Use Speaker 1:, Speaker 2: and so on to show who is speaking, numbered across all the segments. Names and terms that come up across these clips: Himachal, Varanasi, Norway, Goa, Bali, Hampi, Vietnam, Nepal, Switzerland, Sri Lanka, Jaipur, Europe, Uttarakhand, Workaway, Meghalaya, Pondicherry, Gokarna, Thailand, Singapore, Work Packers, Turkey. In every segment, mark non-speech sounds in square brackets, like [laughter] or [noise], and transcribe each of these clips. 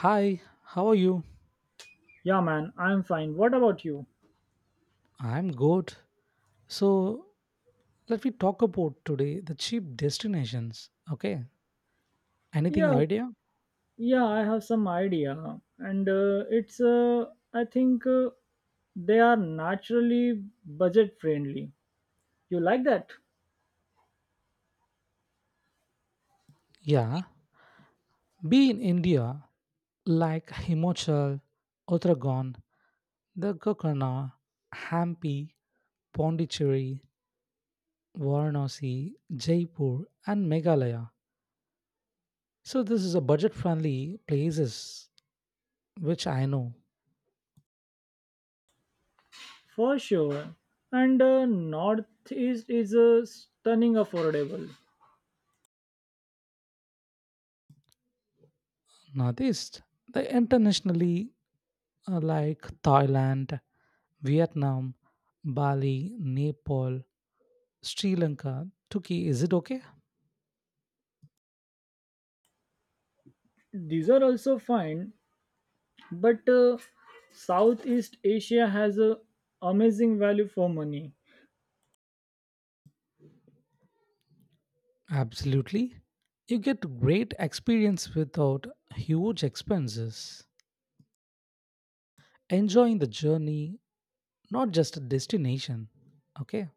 Speaker 1: Hi, how are you?
Speaker 2: Yeah, man, I'm fine. What about you?
Speaker 1: I'm good. So, let me talk about today the cheap destinations. Okay, anything
Speaker 2: Yeah,
Speaker 1: idea?
Speaker 2: yeah, I have some idea, and it's I think they are naturally budget friendly. You like that?
Speaker 1: Yeah, be in India like Himachal, Uttarakhand, the Gokarna, Hampi, Pondicherry, Varanasi, Jaipur, and Meghalaya. So, this is a budget friendly places which I know.
Speaker 2: For sure. And Northeast is stunning affordable.
Speaker 1: Northeast, the internationally like Thailand. Vietnam, Bali, Nepal, Sri Lanka, Turkey. Is it okay?
Speaker 2: These are also fine, but Southeast Asia has a amazing value for money.
Speaker 1: Absolutely. You get great experience without huge expenses. Enjoying the journey, not just a destination. Okay?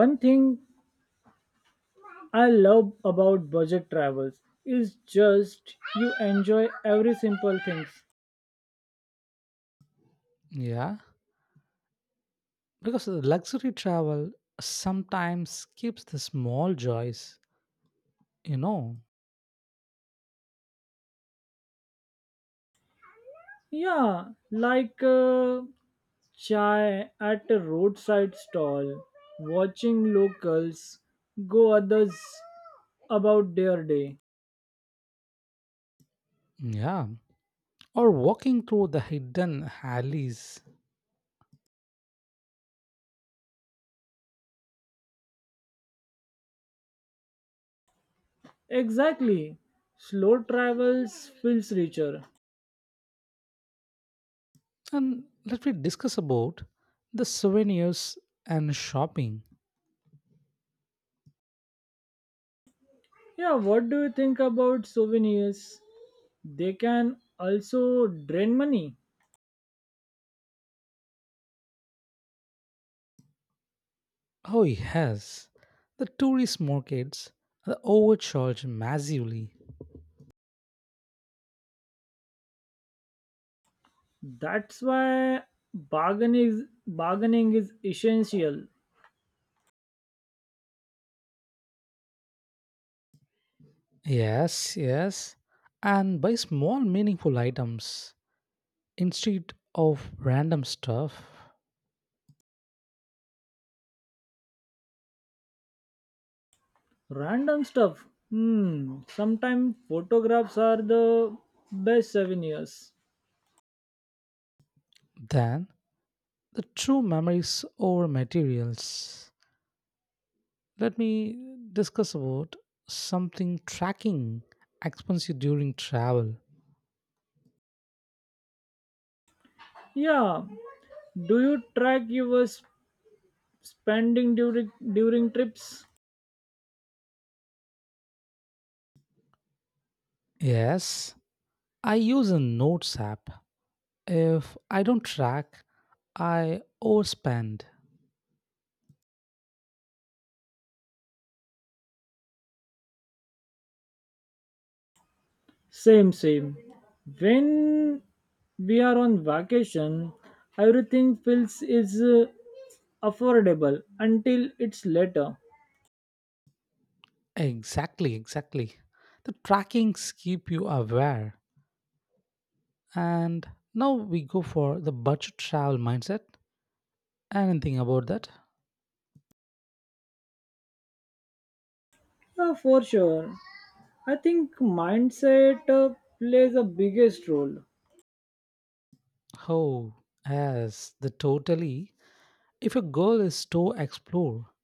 Speaker 2: One thing I love about budget travels is just you enjoy every simple things.
Speaker 1: Yeah. Because the luxury travel sometimes skips the small joys, you know.
Speaker 2: Yeah, like chai at a roadside stall, watching locals go others about their day.
Speaker 1: Yeah. Or walking through the hidden alleys.
Speaker 2: Exactly. Slow travels feels richer.
Speaker 1: And let me discuss about the souvenirs and shopping.
Speaker 2: Yeah, what do you think about souvenirs? They can also drain money.
Speaker 1: Oh, yes. The tourist markets are overcharged massively.
Speaker 2: That's why bargaining is essential.
Speaker 1: Yes, yes. And buy small, meaningful items instead of random stuff.
Speaker 2: Random stuff. Hmm. Sometimes photographs are the best souvenirs.
Speaker 1: Then, the true memories over materials. Let me discuss about something tracking expenses during travel.
Speaker 2: Yeah. Do you track your spending during trips?
Speaker 1: Yes, I use a notes app. If I don't track, I overspend.
Speaker 2: Same, same. When we are on vacation, everything feels is affordable until it's later.
Speaker 1: Exactly, exactly. The trackings keep you aware. And now we go for the budget travel mindset. Anything about that?
Speaker 2: Yeah, for sure. I think mindset plays the biggest role
Speaker 1: Oh, yes, the totally. If your goal is to explore,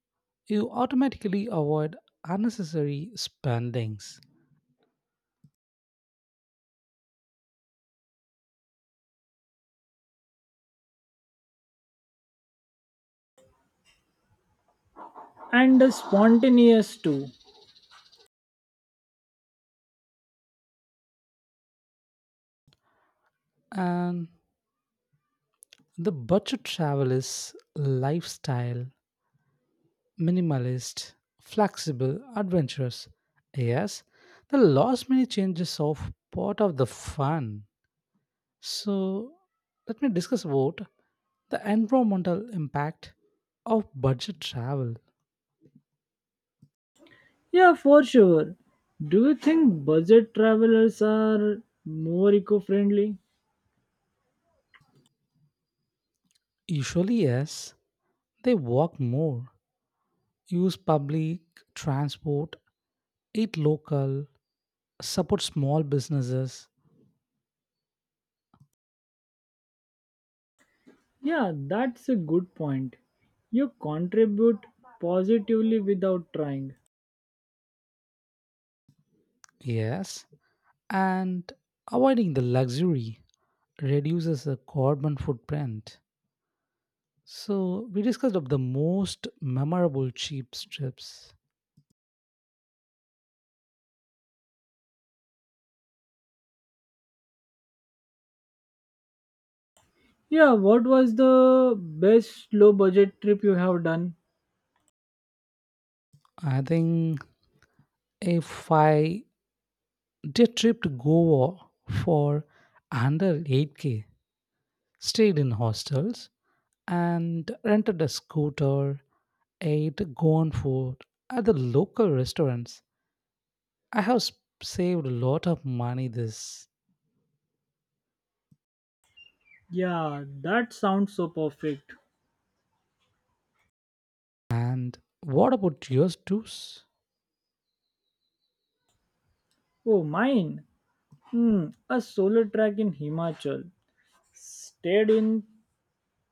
Speaker 1: you automatically avoid unnecessary spendings.
Speaker 2: and the spontaneous too.
Speaker 1: And the budget travel is lifestyle minimalist, flexible, adventurous. Yes, the last minute changes of part of the fun. So let me discuss about the environmental impact of budget travel.
Speaker 2: Yeah, for sure. Do you think budget travelers are more eco friendly?
Speaker 1: Usually, yes, they walk more, use public transport, eat local, support small businesses.
Speaker 2: Yeah, that's a good point. You contribute positively without trying.
Speaker 1: Yes, and avoiding the luxury reduces the carbon footprint. So we discussed of the most memorable cheap trips.
Speaker 2: Yeah, what was the best low budget trip you have done?
Speaker 1: I think if I did trip to Goa for under 8K, stayed in hostels and rented a scooter, ate Goan food at the local restaurants. I have saved a lot of money this.
Speaker 2: Yeah, that sounds so perfect.
Speaker 1: And what about yours too?
Speaker 2: Oh, mine. Hmm, a solo track in Himachal. Stayed in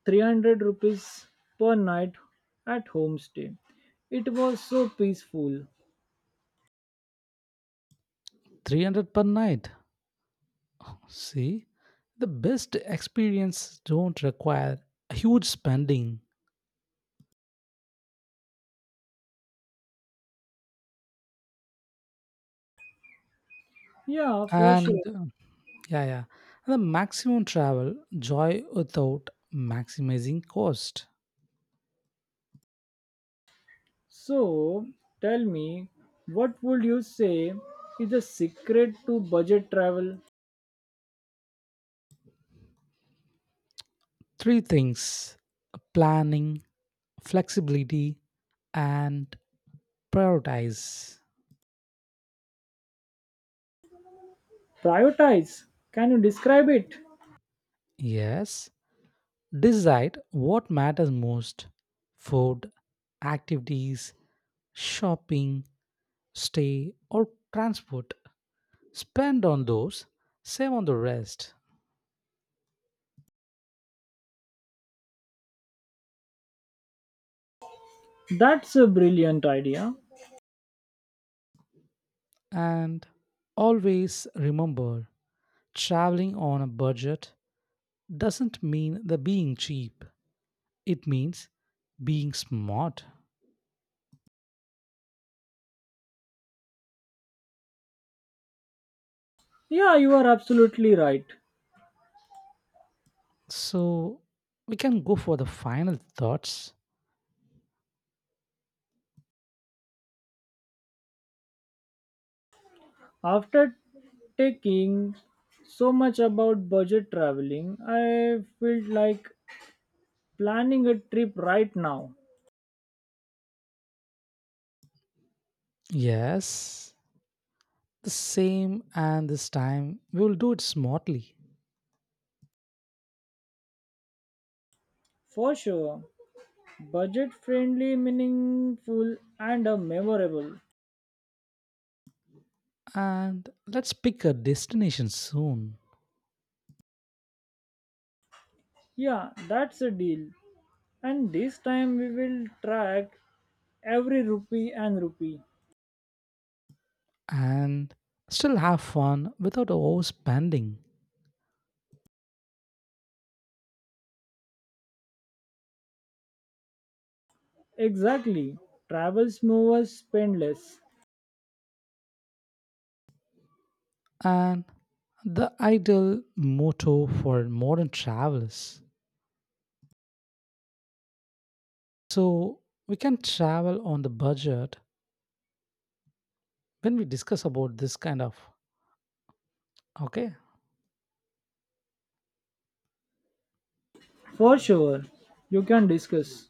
Speaker 2: 300 rupees per night at homestay. It was so peaceful.
Speaker 1: 300 per night. See, the best experience don't require huge spending
Speaker 2: Yeah, for sure.
Speaker 1: and yeah, yeah, the maximum travel joy without maximizing cost.
Speaker 2: So tell me, what would you say is the secret to budget travel?
Speaker 1: Three things: planning, flexibility, and prioritize.
Speaker 2: Prioritize. Can you describe it?
Speaker 1: Yes, decide what matters most: food, activities, shopping, stay, or transport. Spend on those, save on the rest,
Speaker 2: That's a brilliant idea.
Speaker 1: and always remember traveling on a budget doesn't mean the being cheap. It means being smart.
Speaker 2: Yeah, you are absolutely right.
Speaker 1: So we can go for the final thoughts.
Speaker 2: After taking so much about budget traveling, I felt like planning a trip right now.
Speaker 1: Yes, the same and this time we will do it smartly.
Speaker 2: For sure. Budget friendly, meaningful, and memorable.
Speaker 1: And let's pick a destination soon
Speaker 2: Yeah, that's a deal. And this time we will track every rupee.
Speaker 1: and still have fun without overspending.
Speaker 2: Exactly. Travels move us spend less.
Speaker 1: And the ideal motto for modern travelers. So we can travel on the budget when we discuss about this kind of okay.
Speaker 2: For sure. You can discuss.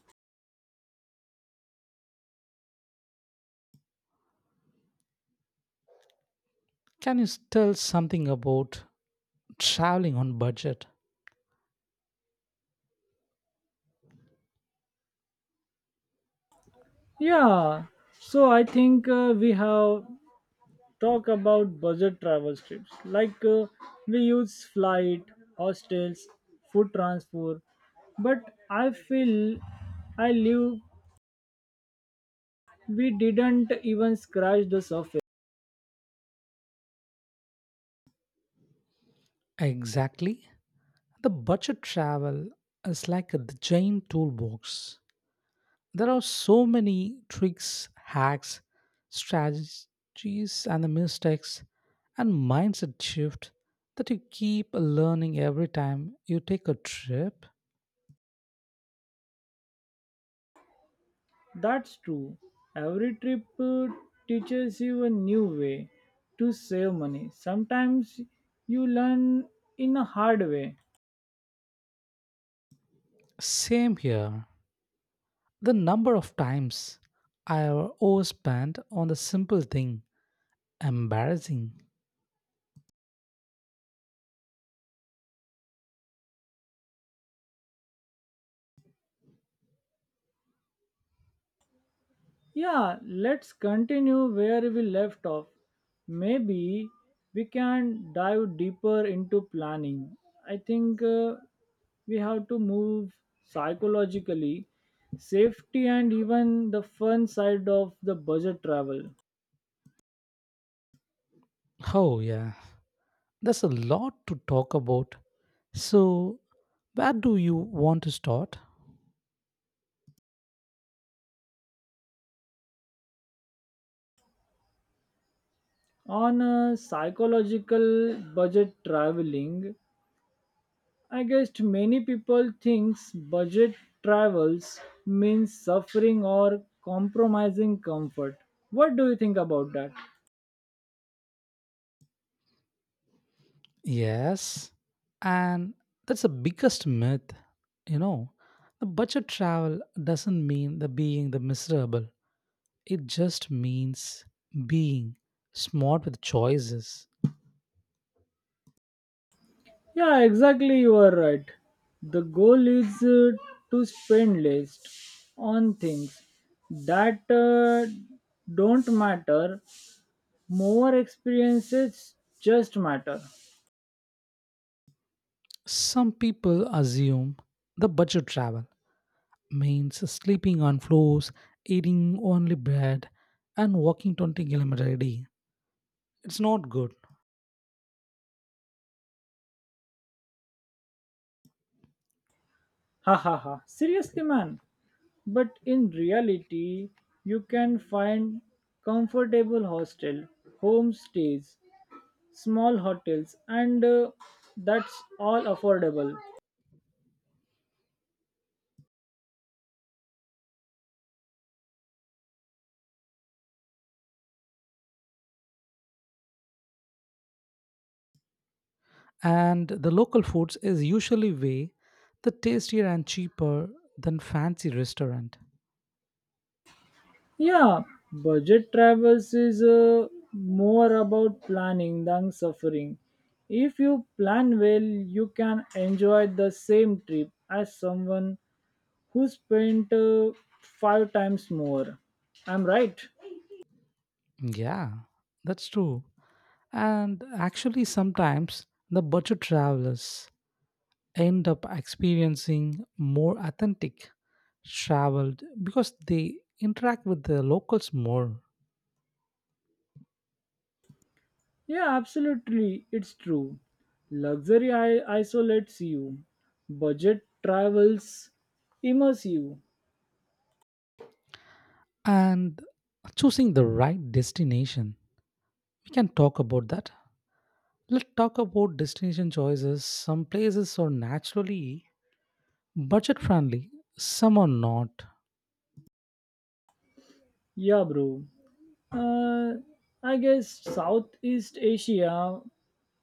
Speaker 1: Can you tell something about traveling on budget?
Speaker 2: Yeah. So I think we have talked about budget travel trips. Like we use flight, hostels, food transport. But I feel I live we didn't even scratch the surface.
Speaker 1: Exactly. The budget travel is like a giant toolbox there are so many tricks, hacks, strategies, and the mistakes and mindset shift that you keep learning every time you take a trip.
Speaker 2: That's true. Every trip teaches you a new way to save money. Sometimes you learn in a hard way.
Speaker 1: Same here. The number of times I have overspent on the simple thing, embarrassing.
Speaker 2: Yeah, let's continue where we left off. Maybe we can dive deeper into planning. I think we have to move psychologically, safety, and even the fun side of the budget travel.
Speaker 1: Oh, yeah. There's a lot to talk about. So, where do you want to start?
Speaker 2: On a psychological budget traveling, I guess many people thinks budget travels means suffering or compromising comfort. What do you think about that?
Speaker 1: Yes, and that's the biggest myth, you know. The budget travel doesn't mean the being the miserable. It just means being smart with choices.
Speaker 2: Yeah, exactly, you are right. The goal is to spend less on things that don't matter, more experiences just matter.
Speaker 1: Some people assume the budget travel means sleeping on floors, eating only bread, and walking 20 kilometers a day. It's not good.
Speaker 2: Ha ha ha. Seriously, man. But in reality, you can find comfortable hostel, homestays, small hotels, and that's all affordable.
Speaker 1: And the local foods is usually way the tastier and cheaper than fancy restaurant.
Speaker 2: Yeah, budget travels is more about planning than suffering. If you plan well, you can enjoy the same trip as someone who spent five times more. I'm right.
Speaker 1: Yeah, that's true. And actually sometimes the budget travelers end up experiencing more authentic traveled because they interact with the locals more.
Speaker 2: Yeah, absolutely. It's true. Luxury isolates you. Budget travels immerse you.
Speaker 1: And choosing the right destination. We can talk about that. Let's talk about destination choices. Some places are naturally budget friendly, some are not.
Speaker 2: Yeah, bro. Uh, I guess Southeast Asia,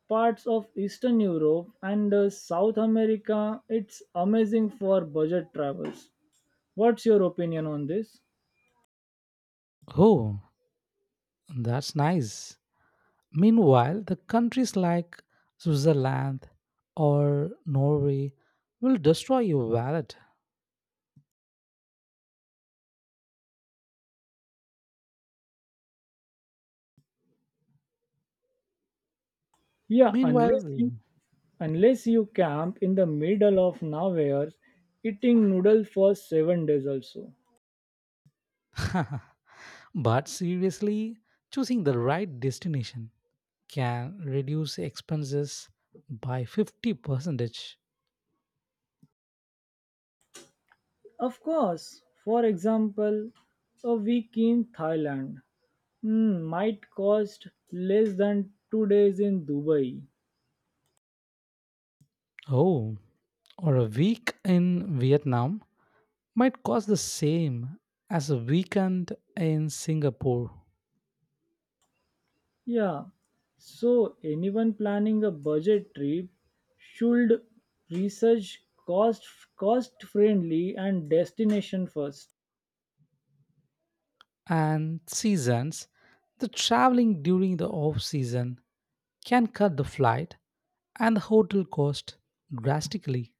Speaker 2: parts of Eastern Europe, and South America, it's amazing for budget travels. What's your opinion on this?
Speaker 1: Oh, that's nice. Meanwhile, the countries like Switzerland or Norway will destroy your wallet.
Speaker 2: Yeah,
Speaker 1: Meanwhile,
Speaker 2: unless you camp in the middle of nowhere, eating noodle for 7 days also.
Speaker 1: [laughs] but seriously, choosing the right destination can reduce expenses by 50 percentage.
Speaker 2: Of course, for example, a week in Thailand mm, might cost less than 2 days in Dubai.
Speaker 1: Oh, or a week in Vietnam might cost the same as a weekend in Singapore.
Speaker 2: Yeah, so anyone planning a budget trip should research cost friendly and destination first.
Speaker 1: And seasons, the traveling during the off season can cut the flight and the hotel cost drastically.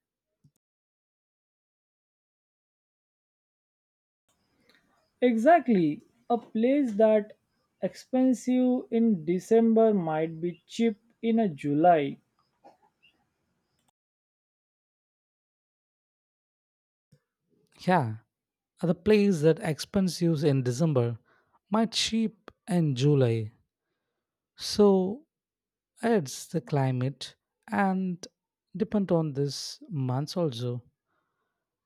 Speaker 2: Exactly, a place that expensive in December might be cheap in a July.
Speaker 1: Yeah, the place that expensive in December might cheap in July. So it's the climate and depend on this months also.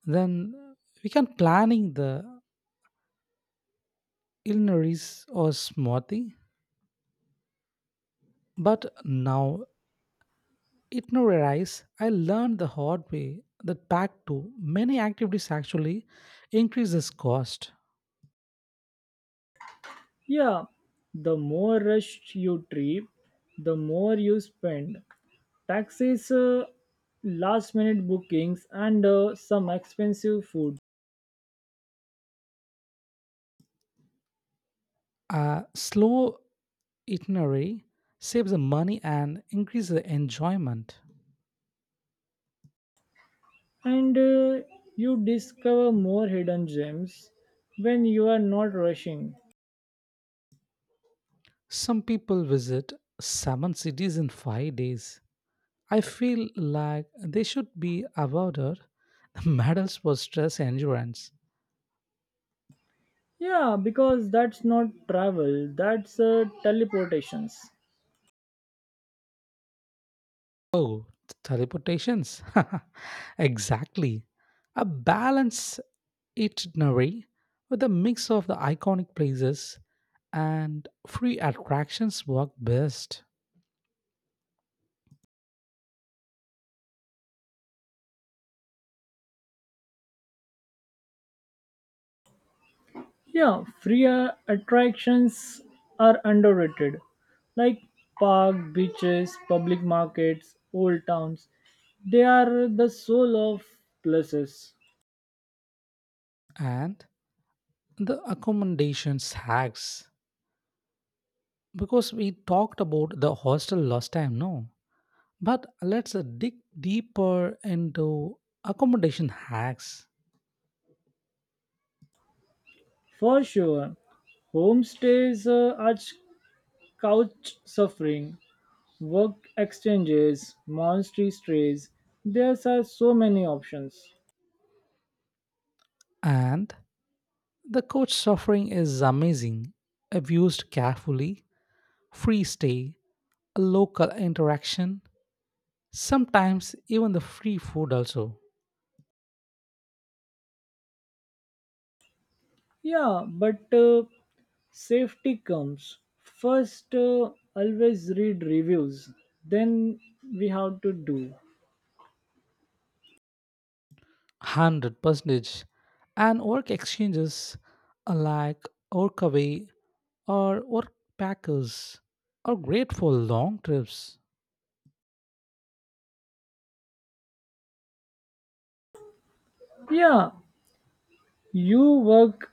Speaker 1: Then we can planning the itineraries or smoothie. But now itineraries, I learned the hard way that back to many activities actually increases cost.
Speaker 2: Yeah, the more rush you trip, the more you spend. Taxis, last minute bookings, and some expensive food.
Speaker 1: A slow itinerary saves the money and increases the enjoyment.
Speaker 2: And you discover more hidden gems when you are not rushing.
Speaker 1: Some people visit seven cities in 5 days. I feel like they should be awarded [laughs] medals for stress endurance.
Speaker 2: Yeah, because that's not travel, that's teleportations.
Speaker 1: Oh, teleportations. [laughs] exactly. A balanced itinerary with a mix of the iconic places and free attractions work best.
Speaker 2: Yeah, free attractions are underrated, like park, beaches, public markets, old towns. They are the soul of places.
Speaker 1: And the accommodations hacks. Because we talked about the hostel last time, no? But let's dig deeper into accommodation hacks.
Speaker 2: For sure, homestays are couch suffering, work exchanges, monastery stays. There are so many options.
Speaker 1: And the coach suffering is amazing. Abused carefully, free stay, local interaction, sometimes even the free food also.
Speaker 2: Yeah, but safety comes first always read reviews then we have to do.
Speaker 1: 100% and work exchanges like Workaway or Work Packers are great for long trips.
Speaker 2: Yeah, you work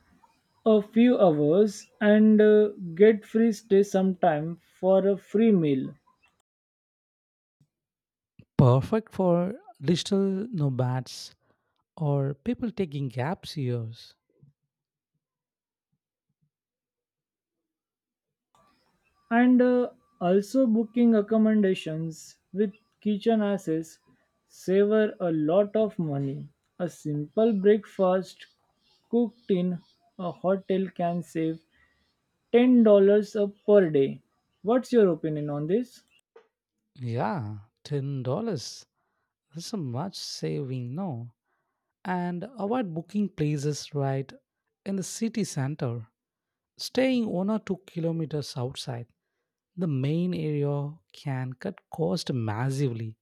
Speaker 2: a few hours and get free stay sometime for a free meal.
Speaker 1: Perfect for digital nomads or people taking gap years.
Speaker 2: And also booking accommodations with kitchen access savor a lot of money, a simple breakfast cooked in a hotel can save $10 a per day. What's your opinion on this?
Speaker 1: Yeah, $10. That's a much saving, no? And avoid booking places right in the city center. Staying 1 or 2 kilometers outside the main area can cut cost massively.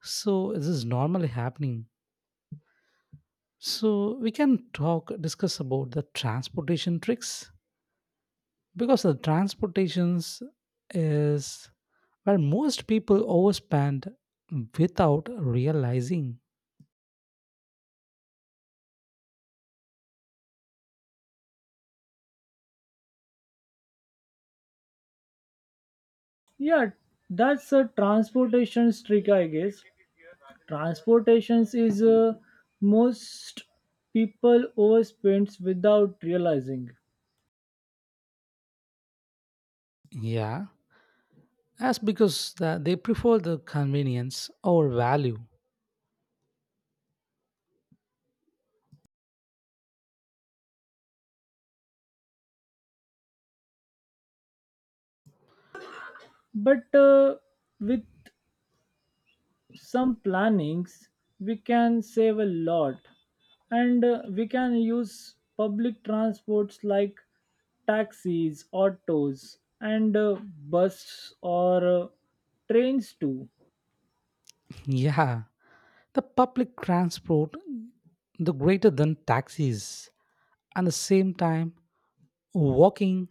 Speaker 1: So this is normally happening. So we can talk discuss about the transportation tricks because the transportations is where most people overspend without realizing.
Speaker 2: Yeah, that's a transportation trick, I guess. Transportations is most people overspends without realizing.
Speaker 1: Yeah. As because they prefer the convenience over value.
Speaker 2: But with some plannings we can save a lot and we can use public transports like taxis autos and buses or trains too.
Speaker 1: Yeah, the public transport, the greater than taxis, and the same time walking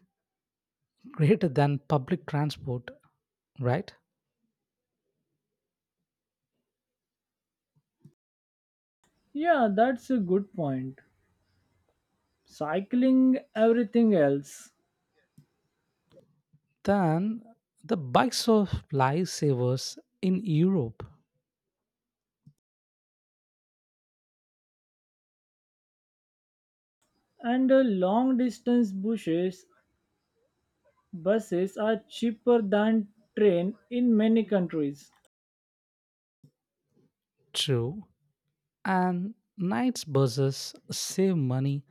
Speaker 1: greater than public transport, right?
Speaker 2: Yeah, that's a good point, cycling everything else.
Speaker 1: Then the bikes of lifesavers in Europe,
Speaker 2: And long distance buses are cheaper than train in many countries.
Speaker 1: true, and nights buses save money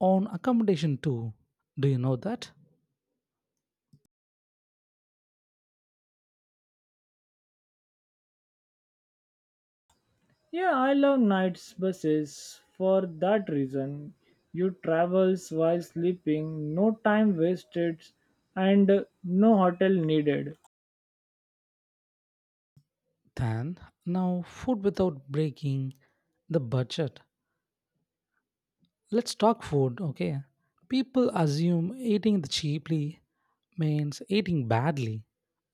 Speaker 1: on accommodation too. Do you know that?
Speaker 2: Yeah, I love nights buses for that reason. You travels while sleeping, no time wasted and no hotel needed.
Speaker 1: Then now food without breaking the budget. Let's talk food, okay? People assume eating the cheaply means eating badly.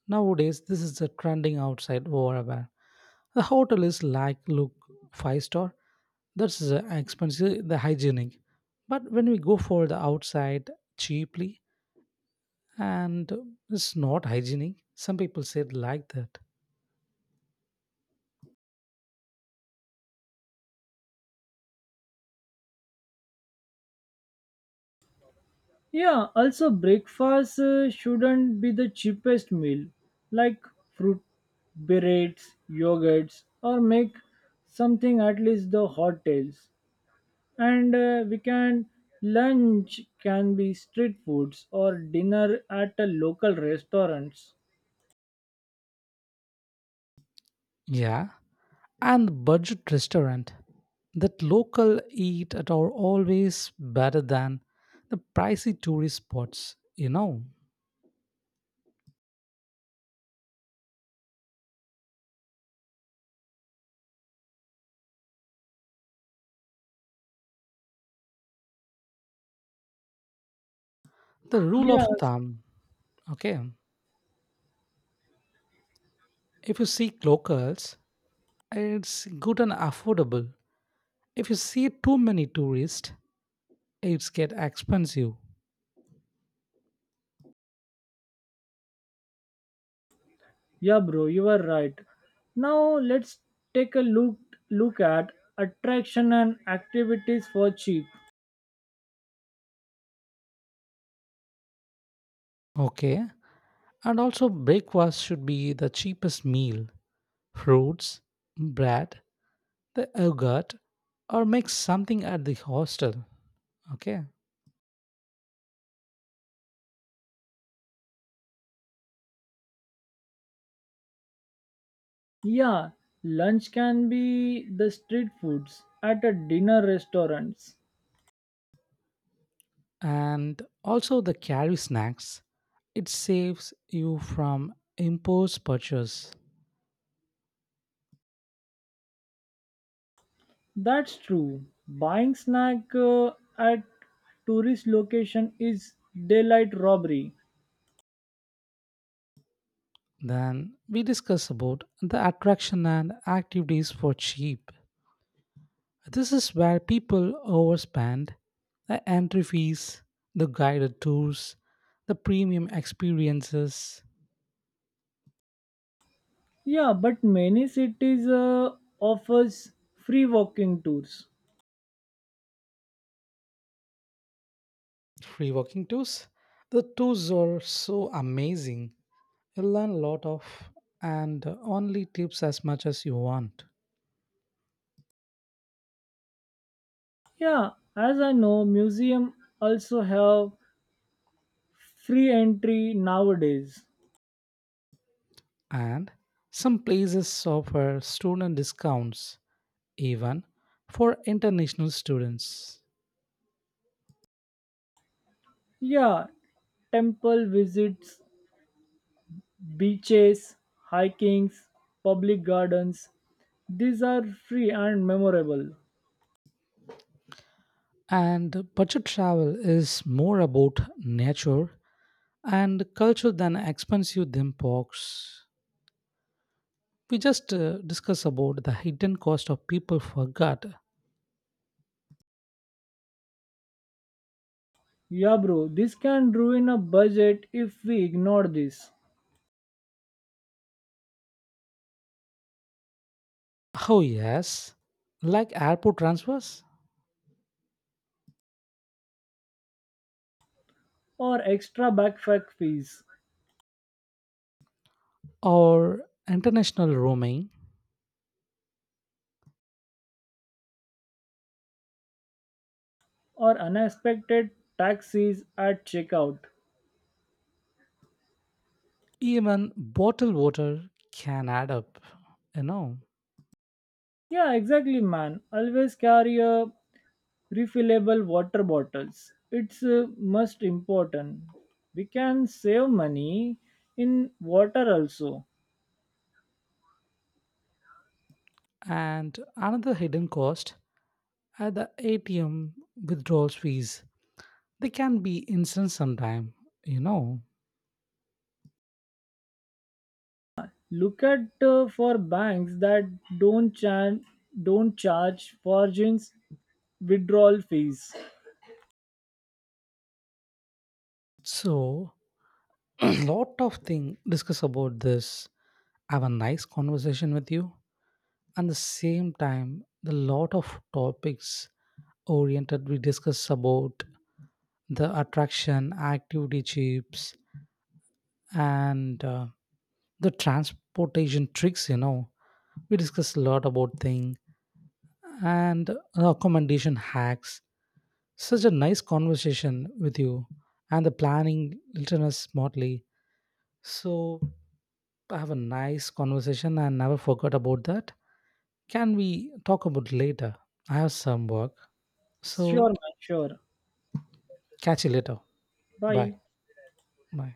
Speaker 1: Nowadays, this is the trending outside wherever. The hotel is like, look, five star. That's the expensive, the hygienic. But when we go for the outside cheaply, and it's not hygienic, some people said like that.
Speaker 2: Yeah, also breakfast shouldn't be the cheapest meal like fruit berets, yogurts or make something at least the hotels. And we can lunch can be street foods or dinner at a local restaurants.
Speaker 1: Yeah. And budget restaurant that local eat at are always better than the pricey tourist spots. The rule
Speaker 2: Yeah.
Speaker 1: of thumb, okay, if you seek locals, it's good and affordable. If you see too many tourists, it's get expensive.
Speaker 2: Yeah, bro, you are right. Now let's take a look look at attraction and activities for cheap.
Speaker 1: Okay. And also breakfast should be the cheapest meal. Fruits, bread, the yogurt, or make something at the hostel. Okay.
Speaker 2: Yeah, lunch can be the street foods at a dinner restaurants.
Speaker 1: And also the carry snacks. It saves you from impulse purchase.
Speaker 2: That's true. Buying snack at tourist location is daylight robbery.
Speaker 1: Then we discuss about the attraction and activities for cheap. This is where people overspend the entry fees, the guided tours, the premium experiences,
Speaker 2: Yeah, but many cities offers free walking tours.
Speaker 1: free walking tours. The tours are so amazing. You learn a lot of and only tips as much as you want.
Speaker 2: Yeah, as I know, museum also have free entry nowadays.
Speaker 1: And some places offer student discounts even for international students.
Speaker 2: Yeah, temple visits, beaches, hikings, public gardens. These are free and memorable.
Speaker 1: And budget travel is more about nature and culture than expensive them box. We just discuss about the hidden cost of people forgot.
Speaker 2: Yeah, bro, this can ruin a budget if we ignore this,
Speaker 1: Oh yes, like airport transfers
Speaker 2: or extra backpack fees,
Speaker 1: or international roaming,
Speaker 2: or unexpected taxis at checkout.
Speaker 1: even bottled water can add up, you know.
Speaker 2: Yeah, exactly, man. Always carry a refillable water bottles. It's most important. We can save money in water also.
Speaker 1: And another hidden cost are the ATM withdrawals fees. They can be instant sometime, you know.
Speaker 2: Look at for banks that don't chan- don't charge for fortunes withdrawal fees.
Speaker 1: So [coughs] [clears throat] lot of thing discuss about this. Have a nice conversation with you. And the same time, the lot of topics oriented we discuss about the attraction, activity chips, and the transportation tricks. We discuss a lot about thing and recommendation hacks. Such a nice conversation with you and the planning listeners smartly. So I have a nice conversation and never forgot about that. Can we talk about later? I have some work.
Speaker 2: Sure,
Speaker 1: So
Speaker 2: man. Sure.
Speaker 1: catch you later. Bye.
Speaker 2: Bye.
Speaker 1: Bye.